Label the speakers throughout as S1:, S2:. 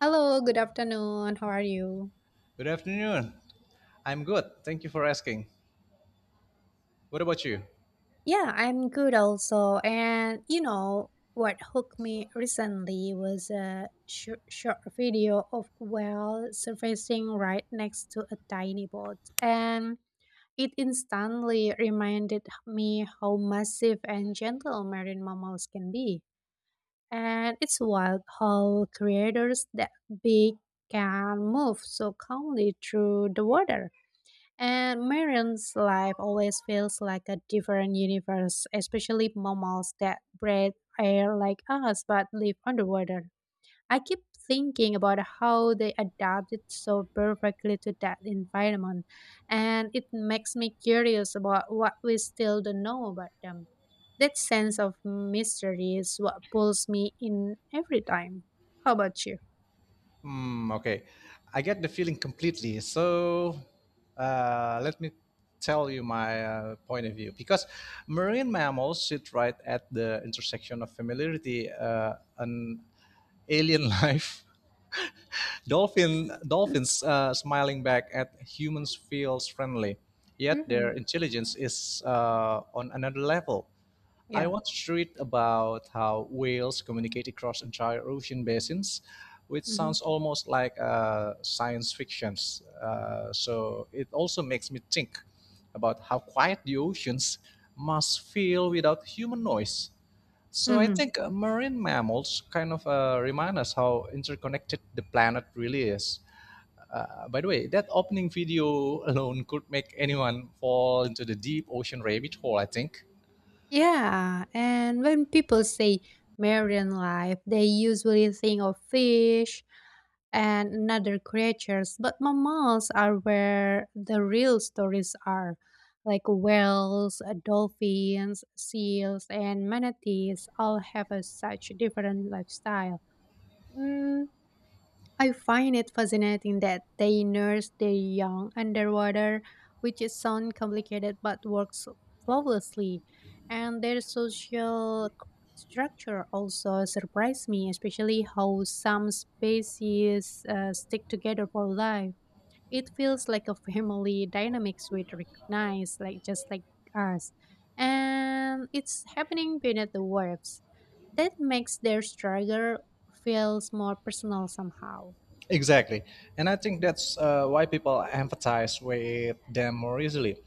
S1: Hello, good afternoon. How are you?
S2: Good afternoon. I'm good. Thank you for asking. What about you?
S1: Yeah, I'm good also. And you know, what hooked me recently was a short video of whale surfacing right next to a tiny boat. And it instantly reminded me how massive and gentle marine mammals can be. And it's wild how creators that big can move so calmly through the water. And Marion's life always feels like a different universe, especially mammals that breathe air like us but live underwater. I keep thinking about how they adapted so perfectly to that environment, and it makes me curious about what we still don't know about them. That sense of mystery is what pulls me in every time. How about you?
S2: Hmm, okay. I get the feeling completely. Let me tell you my point of view. Because marine mammals sit right at the intersection of familiarity, and alien life. Dolphins smiling back at humans feels friendly, yet their
S1: Mhm.
S2: intelligence is on another level. I
S1: Yeah.
S2: once read about how whales communicate across entire ocean basins, which
S1: Mhm.
S2: sounds almost like science fiction. So it also makes me think about how quiet the oceans must feel without human noise. So I
S1: Mhm.
S2: think marine mammals kind of remind us how interconnected the planet really is. By the way, that opening video alone could make anyone fall into the deep ocean rabbit hole, I think.
S1: Yeah. And when people say marine life, they usually think of fish, and another creatures, but mammals are where the real stories are, like whales, dolphins, seals, and manatees all have a such different lifestyle. Mm, I find it fascinating that they nurse their young underwater, which is sound complicated but works flawlessly. And their social structure also surprised me, especially how some species stick together for life. It feels like a family dynamics we recognize, like just like us, and it's happening beneath the waves. That makes their struggle feels more personal somehow.
S2: Exactly. And I think that's why people empathize with them more easily.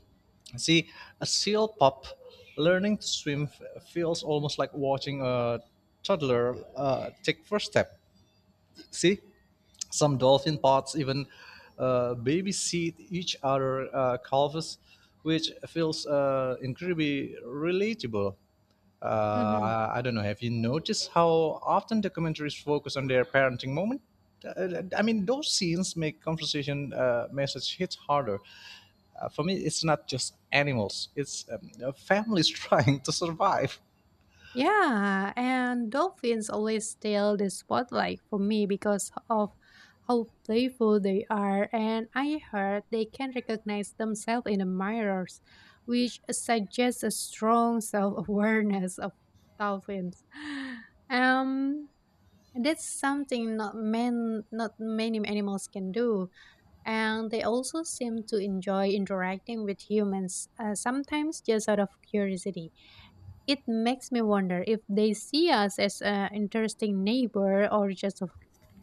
S2: See, a seal pup learning to swim feels almost like watching a toddler take first step. See? Some dolphin pods even babysit each other calves, which feels incredibly relatable. Uh,
S1: Mhm.
S2: I I don't know. Have you noticed how often documentaries focus on their parenting moment? I mean, those scenes make conversation message hit harder. For me, it's not just animals; it's families trying to survive.
S1: Yeah, and dolphins always steal the spotlight for me because of how playful they are, and I heard they can recognize themselves in the mirrors, which suggests a strong self-awareness of dolphins. Um, that's something not many animals can do, and they also seem to enjoy interacting with humans, sometimes just out of curiosity. It makes me wonder if they see us as an interesting neighbor or just a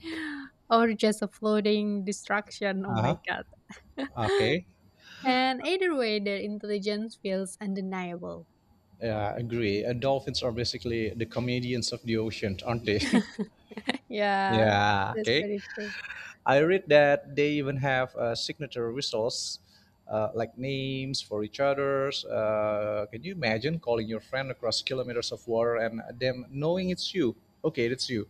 S1: or just a floating distraction. Oh
S2: Uh
S1: my
S2: huh.
S1: god.
S2: Okay.
S1: And either way, their intelligence feels undeniable.
S2: Yeah, I agree. Dolphins are basically the comedians of the ocean, aren't they?
S1: Yeah,
S2: Yeah,
S1: that's
S2: okay.
S1: very true.
S2: I read that they even have signature whistles, like names for each other's. Can you imagine calling your friend across kilometers of water and them knowing it's you? Okay, it's you.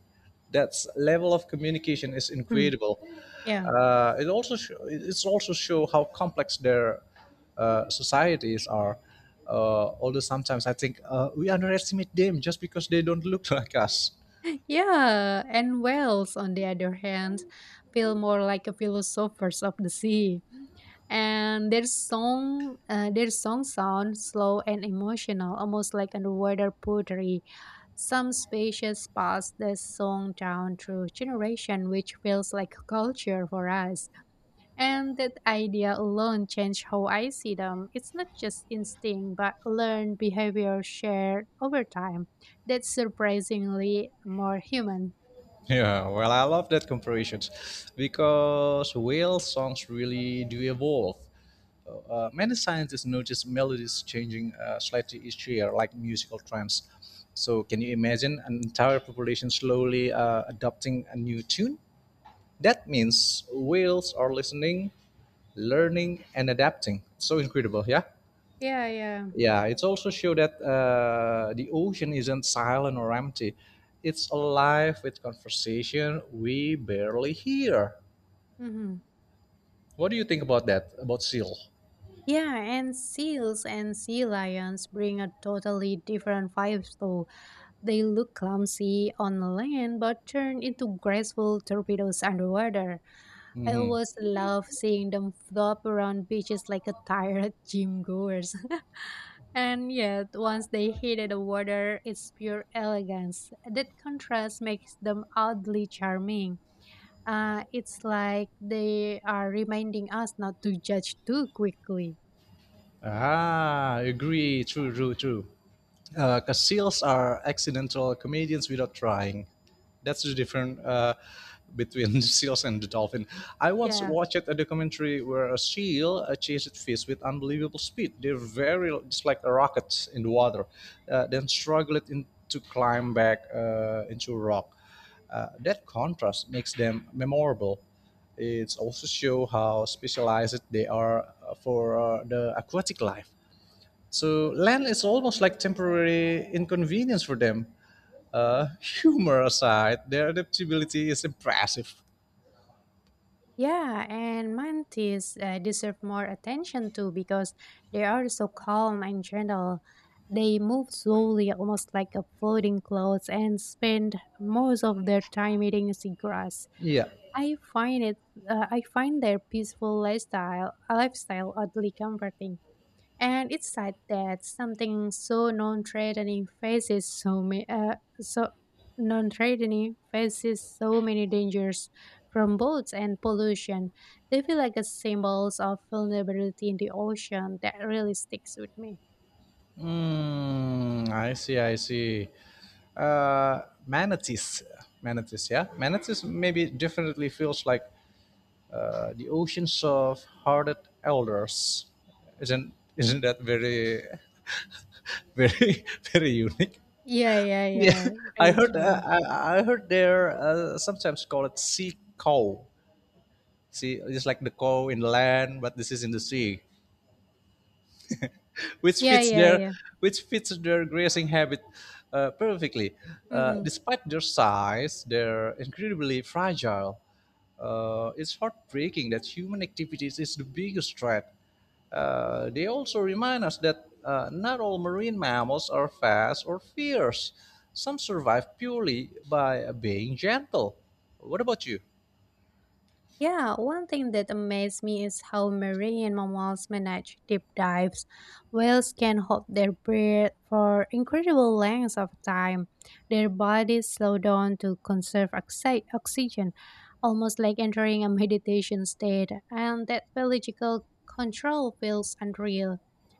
S2: That's level of communication is
S1: Hmm.
S2: incredible.
S1: Yeah.
S2: It's also show how complex their societies are. Although sometimes I think we underestimate them just because they don't look like us.
S1: Yeah, and whales, on the other hand, feel more like a philosophers of the sea. And their song, sounds slow and emotional, almost like underwater poetry. Some species pass the song down through generation, which feels like culture for us. And that idea alone changed how I see them. It's not just instinct, but learned behavior shared over time. That's surprisingly more human.
S2: Yeah, well, I love that comparisons because whale songs really do evolve. Many scientists notice melodies changing slightly each year, like musical trends. So, can you imagine an entire population slowly adopting a new tune? That means whales are listening, learning, and adapting. So incredible, yeah?
S1: Yeah, yeah.
S2: Yeah, it's also show that the ocean isn't silent or empty. It's alive with conversation we barely hear.
S1: Hmm.
S2: What do you think about that? About seal?
S1: Yeah, and seals and sea lions bring a totally different vibe though. They look clumsy on land but turn into graceful torpedoes underwater. I
S2: Hmm.
S1: always love seeing them flop around beaches like a tired gym goers. And yet, once they hit the water, it's pure elegance. That contrast makes them oddly charming. It's like they are reminding us not to judge too quickly.
S2: Ah, agree. True, true, true. Because seals are accidental comedians without trying. That's the difference between the seals and the dolphin. I once
S1: Yeah.
S2: watched a documentary where a seal chased fish with unbelievable speed. They're very just like a rocket in the water, then struggled in, to climb back into a rock. That contrast makes them memorable. It also shows how specialized they are for the aquatic life. So land is almost like temporary inconvenience for them. Humor aside, their adaptability is impressive.
S1: Yeah, and mantis deserve more attention too because they are so calm and gentle. They move slowly, almost like a floating clouds, and spend most of their time eating seagrass.
S2: Yeah.
S1: I find it, I find their peaceful lifestyle, lifestyle oddly comforting. And it's sad that something so non-threatening faces so many, so non-threatening faces so many dangers from boats and pollution. They feel like a symbols of vulnerability in the ocean that really sticks with me.
S2: Mm, I see, I see. Manatees. Manatees, yeah? Manatees maybe definitely feels like the oceans of hearted elders. Isn't that very very very unique?
S1: Yeah, yeah,
S2: Yeah,
S1: yeah.
S2: I
S1: Very
S2: heard uh,
S1: true.
S2: I, I heard they're sometimes call it sea cow. See, just like the cow in the land, but this is in the sea, which
S1: Yeah,
S2: fits
S1: yeah,
S2: their
S1: yeah.
S2: which fits their grazing habit perfectly. Uh,
S1: Hmm.
S2: despite their size, they're incredibly fragile. It's heartbreaking that human activities is the biggest threat. They also remind us that not all marine mammals are fast or fierce. Some survive purely by being gentle. What about you?
S1: Yeah, one thing that amazed me is how marine mammals manage deep dives. Whales can hold their breath for incredible lengths of time. Their bodies slow down to conserve oxygen, almost like entering a meditation state, and that biological control feels unreal.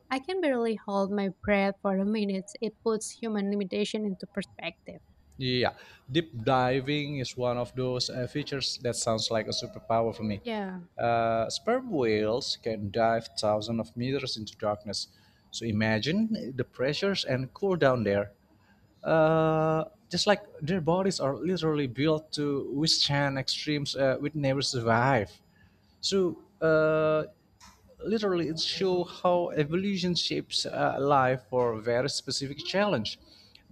S1: I can barely hold my breath for a minute. It puts human limitation into perspective.
S2: Yeah, deep diving is one of those features that sounds like a superpower for me.
S1: Yeah,
S2: Sperm whales can dive thousands of meters into darkness. So imagine the pressures and cool down there. Uh, just like their bodies are literally built to withstand extremes we'd never survive. So literally it shows how evolution shapes life for a very specific challenge.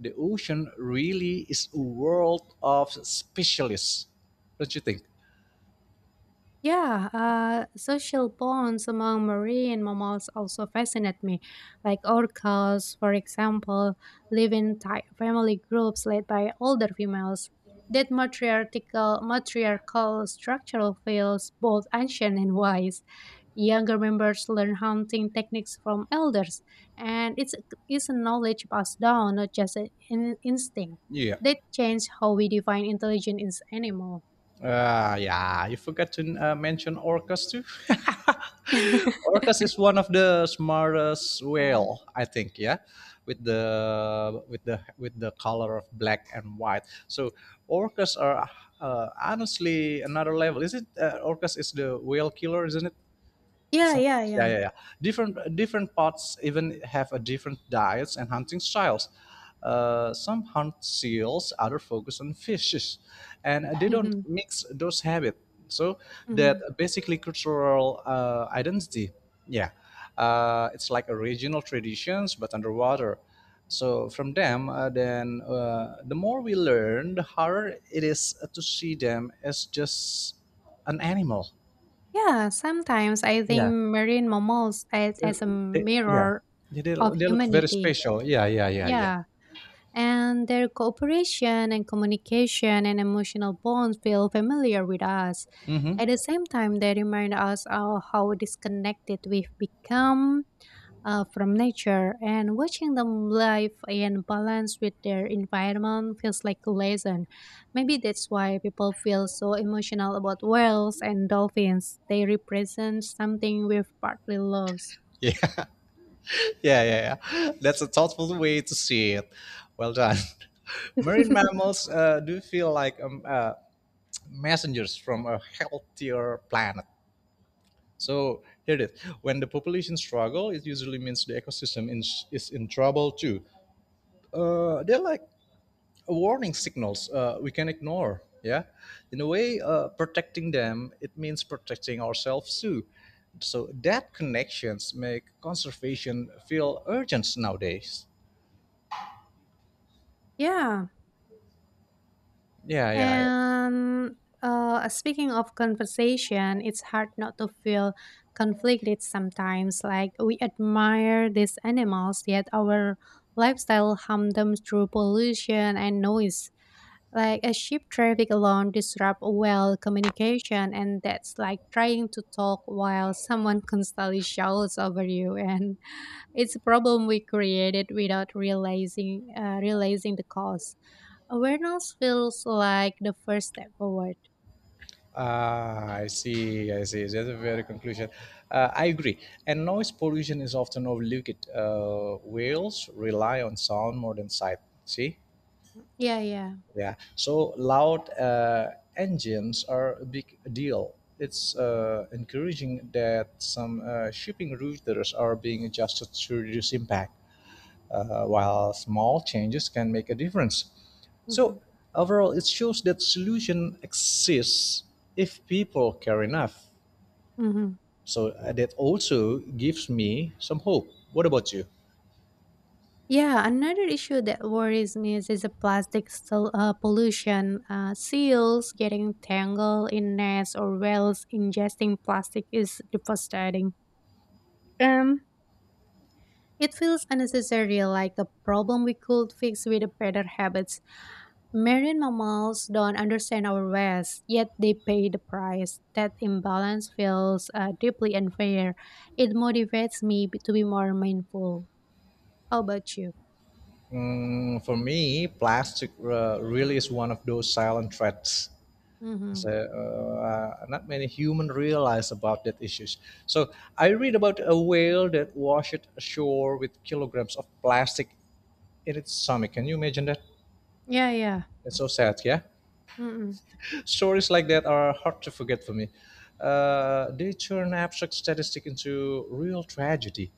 S2: The ocean really is a world of specialists, don't you think?
S1: yeah, social bonds among marine mammals also fascinate me. Like orcas, for example, live in tight family groups led by older females. Matriarchal structural feels both ancient and wise. Younger members learn hunting techniques from elders, and it's a knowledge passed down, not just an instinct.
S2: Yeah.
S1: That change how we define intelligence in animal.
S2: Yeah, you forgot to mention orcas too. Orcas is one of the smartest
S1: Yeah.
S2: whale, I think. Yeah, with the with the color of black and white. So orcas are honestly another level. Is it orcas is the whale killer, isn't it?
S1: Yeah,
S2: So
S1: yeah,
S2: yeah,
S1: yeah.
S2: yeah, yeah. Different parts even have a different diets and hunting styles. Some hunt seals, other focus on fishes, and they don't
S1: Mhm,
S2: mix those habits. So that
S1: mhm.
S2: basically cultural identity. Yeah, it's like a regional traditions but underwater. So from them, the more we learn, the harder it is to see them as just an animal.
S1: Yeah, sometimes I think
S2: Yeah.
S1: marine mammals as a
S2: They, yeah,
S1: mirror
S2: yeah,
S1: of
S2: they look very
S1: humanity.
S2: special. Yeah, yeah, yeah, yeah.
S1: Yeah. And their cooperation and communication and emotional bonds feel familiar with us.
S2: Mm-hmm.
S1: At the same time, they remind us of how disconnected we've become from nature, and watching them live in balance with their environment feels like a lesson. Maybe that's why people feel so emotional about whales and dolphins. They represent something we've partly lost.
S2: Yeah, yeah, yeah, yeah. That's a thoughtful way to see it. Well done. Marine mammals do feel like messengers from a healthier planet. So here it is. When the population struggle, it usually means the ecosystem in, is in trouble too. They're like warning signals we can ignore, yeah, in a way. Protecting them it means protecting ourselves too, so that connections make conservation feel urgent nowadays.
S1: Yeah,
S2: Yeah, yeah, yeah.
S1: and speaking of conversation, it's hard not to feel conflicted sometimes. Like we admire these animals, yet our lifestyle harm them through pollution and noise. Like a ship traffic alone disrupt well communication, and that's like trying to talk while someone constantly shouts over you, and it's a problem we created without realizing the cause. Awareness feels like the first step forward.
S2: Ah, I see, I see. That's a very conclusion. I agree. And noise pollution is often overlooked. Whales rely on sound more than sight. See,
S1: Yeah, yeah.
S2: yeah. So loud engines are a big deal. It's encouraging that some shipping routers are being adjusted to reduce impact, while small changes can make a difference.
S1: Hmm.
S2: So overall, it shows that solution exists if people care enough.
S1: Hmm.
S2: So that also gives me some hope. What about you?
S1: Yeah, another issue that worries me is the pollution. Seals getting tangled in nets or whales ingesting plastic is devastating. Um, it feels unnecessary, like a problem we could fix with better habits. Marine mammals don't understand our ways, yet they pay the price. That imbalance feels deeply unfair. It motivates me to be more mindful. How about you?
S2: Mm, for me, plastic really is one of those silent threats.
S1: Mm-hmm.
S2: So not many human realize about that issues. So I read about a whale that washed ashore with kilograms of plastic in its stomach. Can you imagine that?
S1: Yeah, yeah.
S2: It's so sad, yeah.
S1: Mm-hmm.
S2: Stories like that are hard to forget for me. They turn abstract statistic into real tragedy.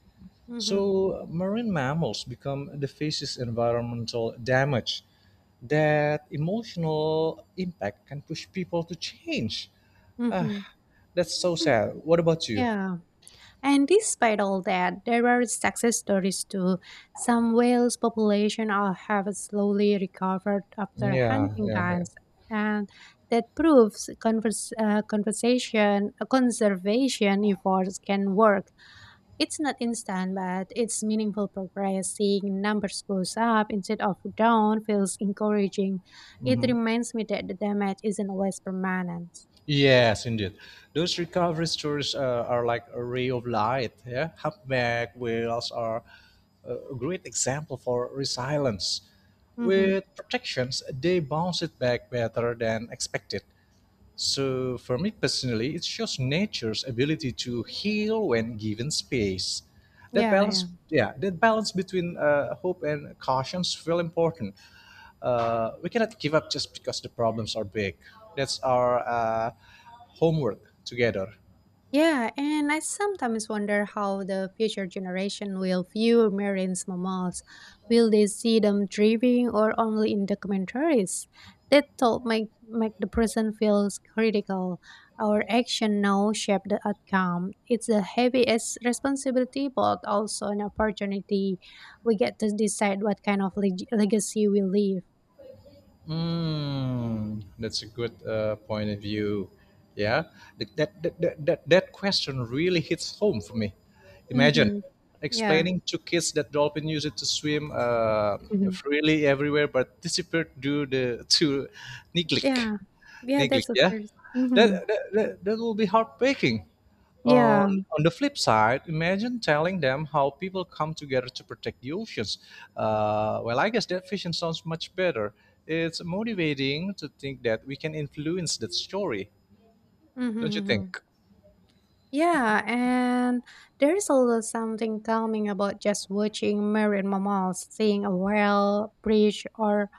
S1: Mm-hmm.
S2: So marine mammals become the faces environmental damage. That emotional impact can push people to change. Ah,
S1: Mm-hmm.
S2: that's so sad. What about you?
S1: Yeah. And despite all that, there are success stories too. Some whales population are, have slowly recovered after
S2: Yeah,
S1: hunting
S2: yeah, yeah.
S1: bans, and that proves convers- conversation conservation efforts can work. It's not instant, but it's meaningful progress. Seeing numbers goes up instead of down feels encouraging. It
S2: Hmm.
S1: reminds me that the damage isn't always permanent.
S2: Yes, indeed. Those recovery stories are like a ray of light. Yeah, humpback whales are a great example for resilience.
S1: Mm-hmm.
S2: With protections, they bounce it back better than expected. So, for me personally, it shows nature's ability to heal when given space. That
S1: Yeah, yeah.
S2: balance, yeah, that balance between hope and caution is really important. We cannot give up just because the problems are big. That's our homework together.
S1: Yeah, and I sometimes wonder how the future generation will view marine mammals. Will they see them driving or only in documentaries? That thought make the present feels critical. Our action now shape the outcome. It's a heavy as responsibility, but also an opportunity. We get to decide what kind of legacy we leave.
S2: Mm, that's a good point of view. Yeah, that question really hits home for me. Imagine
S1: Mm-hmm. Yeah.
S2: explaining to kids that dolphin use it to swim
S1: Mhm.
S2: freely everywhere but disappeared due the, to neglect.
S1: Yeah. Yeah, that's
S2: Neglect,
S1: the
S2: yeah,
S1: 1st.
S2: that
S1: Mm-hmm.
S2: that, that, that will be heartbreaking.
S1: Yeah.
S2: On the flip side, imagine telling them how people come together to protect the oceans. Well I guess that vision sounds much better. It's motivating to think that we can influence that story, don't you
S1: Mm-hmm.
S2: think?
S1: Yeah, and there is also something calming about just watching marine mammals, seeing a whale, fish, or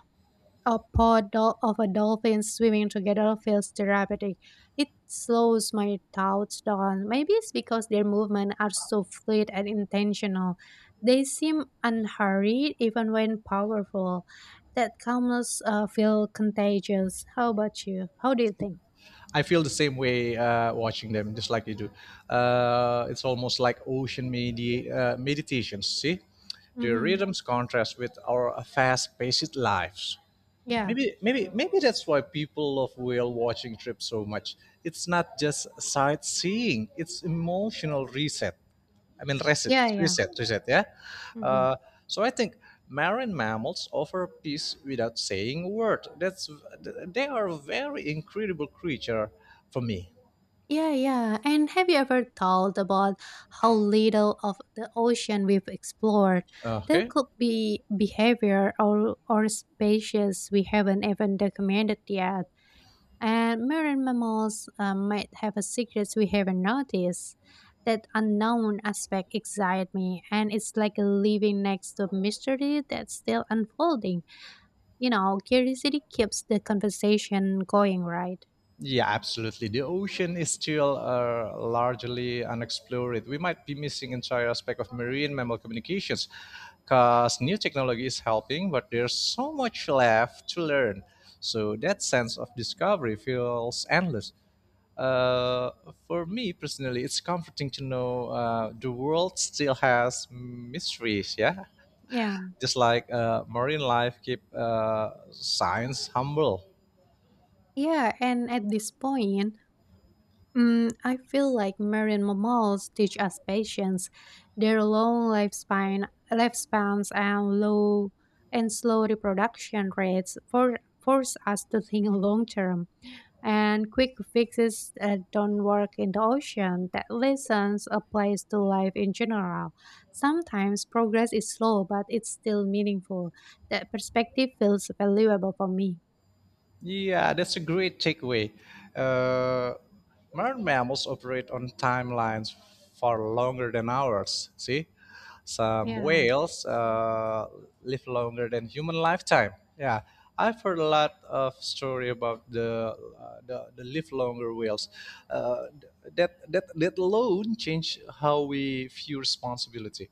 S1: a pod of a dolphin swimming together feels therapeutic. It slows my thoughts down. Maybe it's because their movements are so fluid and intentional. They seem unhurried even when powerful. That calmness feel contagious. How about you? How do you think?
S2: I feel the same way watching them, just like you do. It's almost like ocean meditations. See, the
S1: Mm-hmm.
S2: rhythms contrast with our fast-paced lives.
S1: Yeah,
S2: Maybe that's why people love whale watching trips so much. It's not just sightseeing; it's emotional reset. I mean, reset,
S1: yeah, yeah.
S2: reset, reset. Yeah.
S1: Mm-hmm.
S2: Uh, so I think marine mammals offer peace without saying a word. That's they are a very incredible creature for me.
S1: Yeah, yeah. And have you ever thought about how little of the ocean we've explored? There
S2: Okay.
S1: could be behavior or species we haven't even documented yet. And marine mammals might have a secrets we haven't noticed. That unknown aspect excites me, and it's like living next to mystery that's still unfolding. You know, curiosity keeps the conversation going, right?
S2: Yeah, absolutely. The ocean is still largely unexplored. We might be missing entire aspect of marine mammal communications because new technology is helping, but there's so much left to learn. So that sense of discovery feels endless. Uh, for me personally, it's comforting to know the world still has mysteries. Yeah,
S1: Yeah.
S2: just like marine life keep science humble.
S1: Yeah, and at this point, mm, I feel like marine mammals teach us patience. Their lifespans and low and slow reproduction rates force us to think long term. And quick fixes don't work in the ocean. That lessons applies to life in general. Sometimes progress is slow, but it's still meaningful. That perspective feels valuable for me.
S2: Yeah, that's a great takeaway. Uh, Modern mammals operate on timelines far longer than ours. See, some
S1: Yeah.
S2: whales live longer than human lifetime. Yeah, I've heard a lot of story about the the live longer whales. That alone changed how we view responsibility.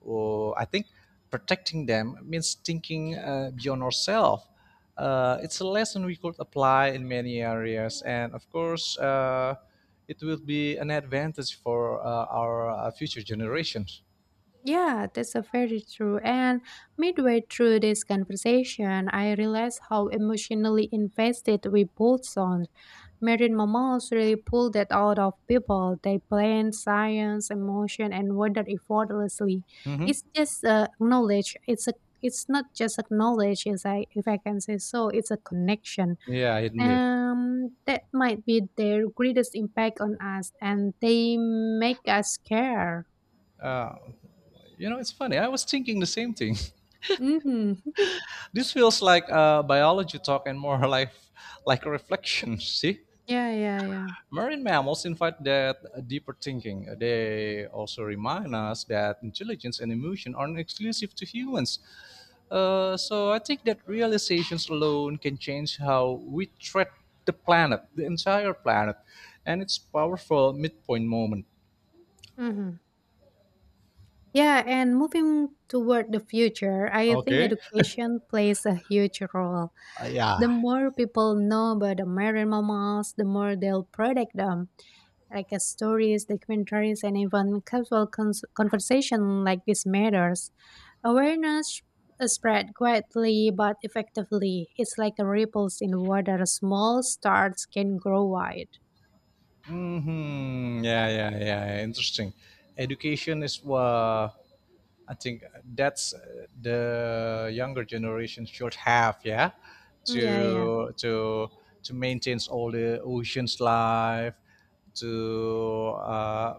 S2: Or I think protecting them means thinking beyond ourselves. It's a lesson we could apply in many areas, and of course, it will be an advantage for our future generations.
S1: Yeah, that's a very true. And midway through this conversation, I realized how emotionally invested we both sound. Marine mammals really pull that out of people. They blend science, emotion, and wonder effortlessly.
S2: Hmm.
S1: It's just knowledge. It's a it's not just a knowledge, as I if I can say so. It's a connection.
S2: Yeah, isn't it?
S1: That might be their greatest impact on us, and they make us care.
S2: Uh, you know, it's funny. I was thinking the same thing.
S1: Mm-hmm.
S2: This feels like biology talk and more like a reflection. See.
S1: Yeah, yeah, yeah.
S2: Marine mammals invite that deeper thinking. They also remind us that intelligence and emotion aren't exclusive to humans. So I think that realizations alone can change how we treat the planet, the entire planet, and its powerful midpoint moment.
S1: Mhm. Yeah, and moving toward the future, I think
S2: Okay.
S1: education plays a huge role. The
S2: Yeah.
S1: more people know about the marine mammals, the more they'll protect them. Like stories, documentaries, and even casual conversation like this matters. Awareness spread quietly but effectively. It's like a ripples in water. Small starts can grow wide.
S2: Yeah, yeah, yeah. Interesting. Education is what I think, that's the younger generation should have, yeah,
S1: Yeah, yeah,
S2: to to to maintain all the oceans life, to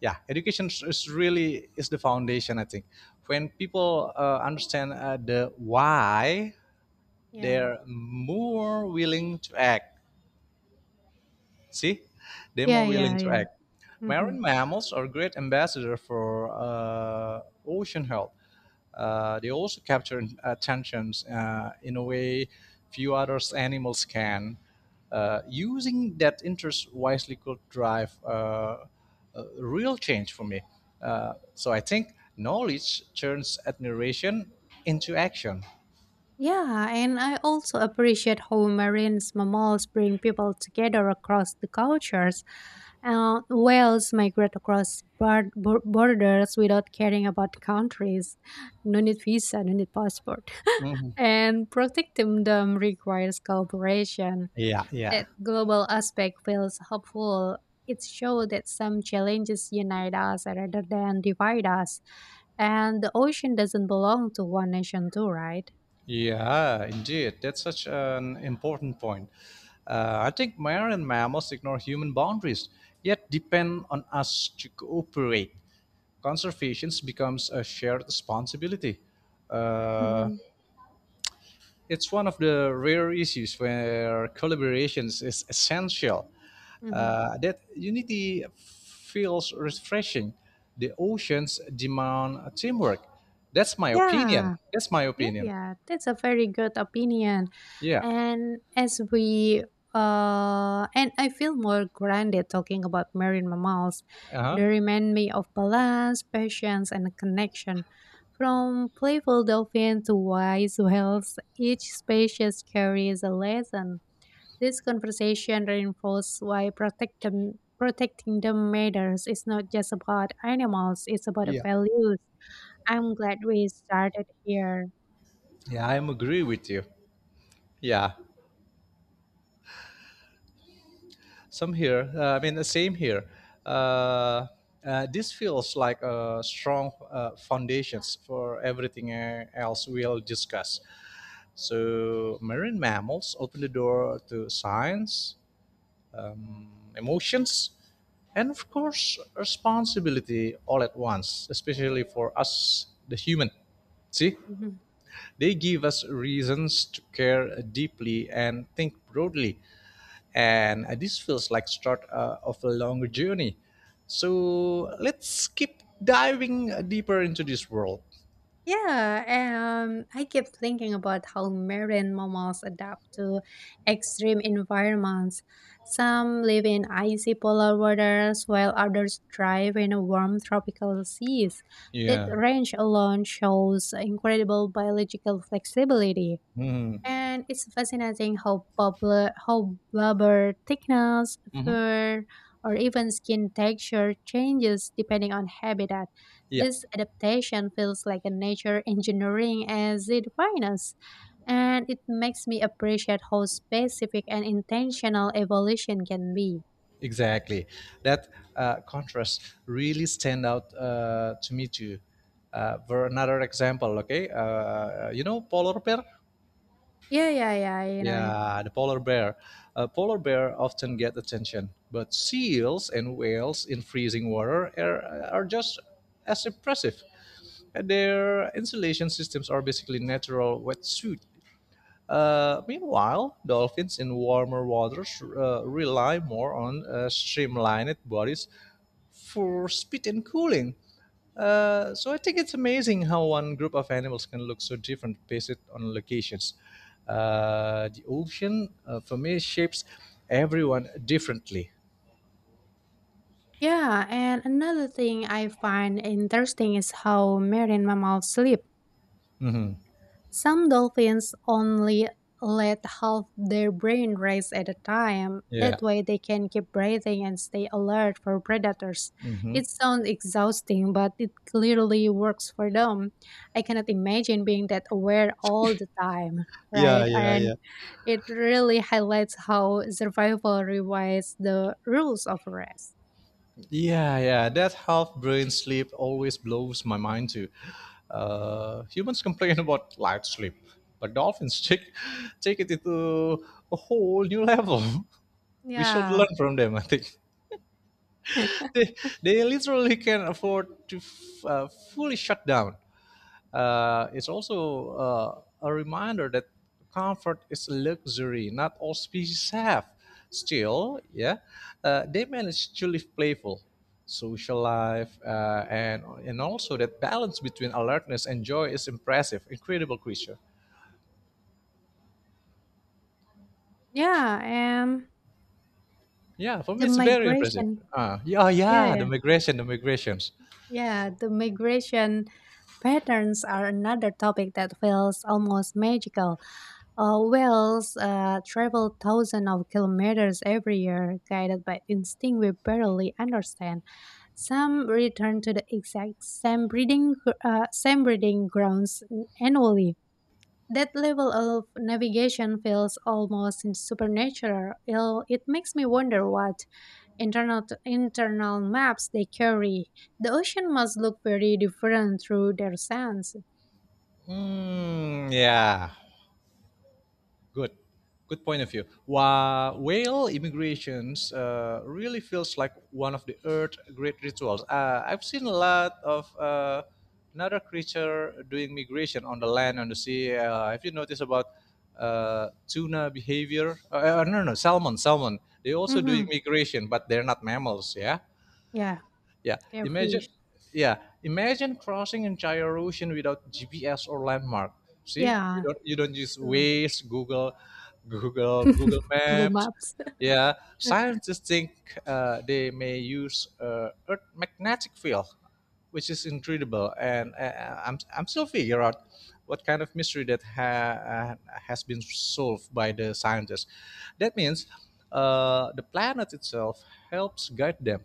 S2: yeah, education is really is the foundation. I think when people understand the why,
S1: yeah,
S2: they're more willing to act. See, they're
S1: yeah,
S2: more
S1: yeah,
S2: willing to
S1: yeah.
S2: act.
S1: Hmm.
S2: Marine mammals are great ambassador for ocean health. They also capture attentions in a way few other animals can. Using that interest wisely could drive a real change for me. So I think knowledge turns admiration into action.
S1: Yeah, and I also appreciate how marine mammals bring people together across the cultures. Whales migrate across borders without caring about countries. No need visa, no need passport.
S2: Mhm.
S1: And protecting them requires cooperation.
S2: Yeah, yeah.
S1: That global aspect feels hopeful. It shows that some challenges unite us rather than divide us. And the ocean doesn't belong to one nation, too, right?
S2: Yeah, indeed. That's such an important point. I think marine mammals ignore human boundaries, yet depend on us to cooperate. Conservation becomes a shared responsibility. Uh,
S1: Mhm.
S2: it's one of the rare issues where collaborations is essential.
S1: Mhm.
S2: That unity feels refreshing. The oceans demand teamwork. That's my opinion.
S1: Yeah.
S2: That's my
S1: Yeah,
S2: opinion.
S1: yeah. That's a very good opinion.
S2: Yeah.
S1: And as we and I feel more grounded talking about marine mammals.
S2: Uh huh.
S1: They remind me of balance, patience and connection. From playful dolphin to wise whales, each species carries a lesson. This conversation reinforces protecting them matters. It's not just about animals, it's about
S2: Yeah,
S1: values. I'm glad we started here.
S2: yeah, I am agree with you. Yeah, some here. I mean, the same here. Uh, this feels like a strong foundations for everything else we'll discuss. So, marine mammals open the door to science, emotions, and of course, responsibility all at once, especially for us, the human. See,
S1: Mhm.
S2: they give us reasons to care deeply and think broadly. And this feels like start of a longer journey. So let's keep diving deeper into this world.
S1: Yeah, I keep thinking about how marine mammals adapt to extreme environments. Some live in icy polar waters, while others thrive in warm tropical seas. That
S2: Yeah.
S1: range alone shows incredible biological flexibility.
S2: hmm
S1: And it's fascinating how blubber thickness,
S2: hmm
S1: fur, or even skin texture changes depending on habitat.
S2: Yeah.
S1: This adaptation feels like a nature engineering as it finest, and it makes me appreciate how specific and intentional evolution can be.
S2: Exactly. That contrast really stand out to me too. For another example, okay, you know polar bear.
S1: Yeah, yeah, yeah, you know it.
S2: Yeah, the polar bear. Polar bear often get attention, but seals and whales in freezing water are just as impressive. And their insulation systems are basically natural wetsuit. Meanwhile, dolphins in warmer waters rely more on streamlined bodies for speed and cooling. So I think it's amazing how one group of animals can look so different based on locations. The ocean, for me, shapes everyone differently.
S1: Yeah, and another thing I find interesting is how marine mammals sleep.
S2: Mhm.
S1: Some dolphins only let half their brain race at a time.
S2: Yeah.
S1: That way, they can keep breathing and stay alert for predators.
S2: hmm
S1: It sounds exhausting, but it clearly works for them. I cannot imagine being that aware all the time,
S2: Yeah,
S1: right?
S2: yeah,
S1: And
S2: yeah.
S1: it really highlights how survival rewrites the rules of rest.
S2: Yeah, yeah, that half brain sleep always blows my mind too. Humans complain about light sleep, but dolphins take it to a whole new level. We should
S1: Yeah.
S2: learn from them, I think. They, they literally can afford to fully shut down. It's also a reminder that comfort is a luxury not all species have. Still, yeah, they manage to live playful, social life, and also that balance between alertness and joy is impressive. Incredible creature.
S1: Yeah, and
S2: Yeah, for
S1: the
S2: me it's very impressive.
S1: migration.
S2: Yeah, yeah,
S1: Yeah,
S2: the migrations.
S1: yeah, the migration patterns are another topic that feels almost magical. Whales travel thousands of kilometers every year, guided by instinct we barely understand. Some return to the exact same same breeding grounds annually. That level of navigation feels almost supernatural. It makes me wonder what internal maps they carry. The ocean must look very different through their sands.
S2: Hmm. Yeah. Good, good point of view. Wa whale immigrations really feels like one of the Earth great rituals. I've seen a lot of another creature doing migration on the land, on the sea. Have you noticed about tuna behavior? No, no, salmon, salmon. They also doing
S1: Hmm.
S2: migration, but they're not mammals. Yeah.
S1: Yeah,
S2: Yeah,
S1: their fish.
S2: imagine. Yeah, imagine crossing entire ocean without GPS or landmark. See, you
S1: Yeah,
S2: don't you don't use
S1: true.
S2: Waze, Google
S1: Google
S2: Maps.
S1: Maps.
S2: Yeah, scientists think they may use Earth magnetic field, which is incredible, and I'm still figure out what kind of mystery that has been solved by the scientists. That means the planet itself helps guide them.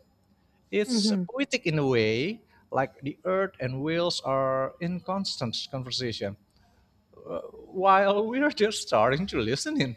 S2: It's
S1: Mhm.
S2: poetic in a way, like the earth and wheels are in constant conversation, while we're just starting to listen in.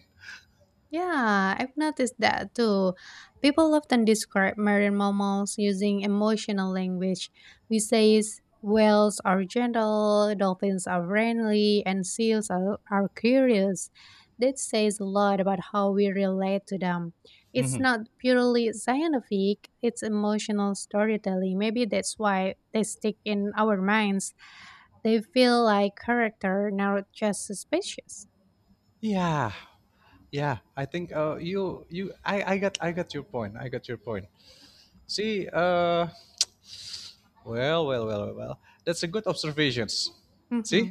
S1: Yeah, I've noticed that too. People often describe marine mammals using emotional language. We say whales are gentle, dolphins are friendly, and seals are curious. That says a lot about how we relate to them. It's
S2: Mhm.
S1: not purely scientific, it's emotional storytelling. Maybe that's why they stick in our minds. They feel like character, not just suspicious.
S2: Yeah, yeah. I think you, you, I got your point. I got your point. See, Well. That's a good observations.
S1: Mm-hmm.
S2: See,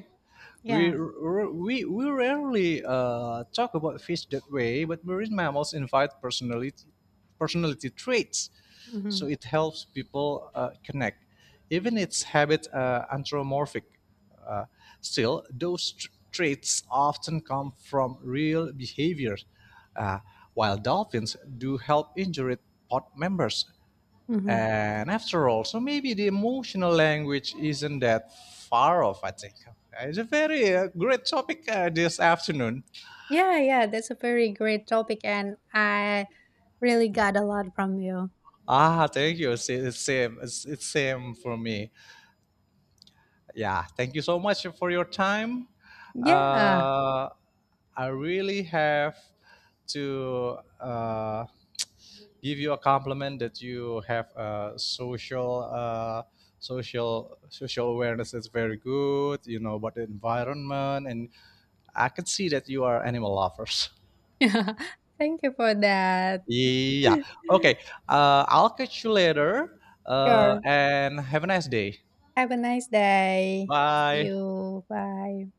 S2: we
S1: Yeah.
S2: r- we rarely talk about fish that way, but marine mammals invite personality traits, so
S1: Mm-hmm.
S2: it helps people connect. Even its habit anthropomorphic. Uh, still, those traits often come from real behavior. Uh, while dolphins do help injured pod members,
S1: Mm-hmm.
S2: and after all, so maybe the emotional language isn't that far off, I think. It's a very great topic this afternoon.
S1: Yeah, yeah, that's a very great topic, and I really got a lot from you.
S2: Ah, thank you. It's same. It's same for me. Yeah, thank you so much for your time.
S1: Yeah,
S2: Uh, I really have to give you a compliment that you have social awareness is very good. You know about the environment and I can see that you are animal lovers.
S1: thank you for that.
S2: Yeah. Okay. I'll catch you later. Uh,
S1: Sure.
S2: and have a nice day.
S1: Have a nice day. See
S2: Bye.
S1: you. Bye.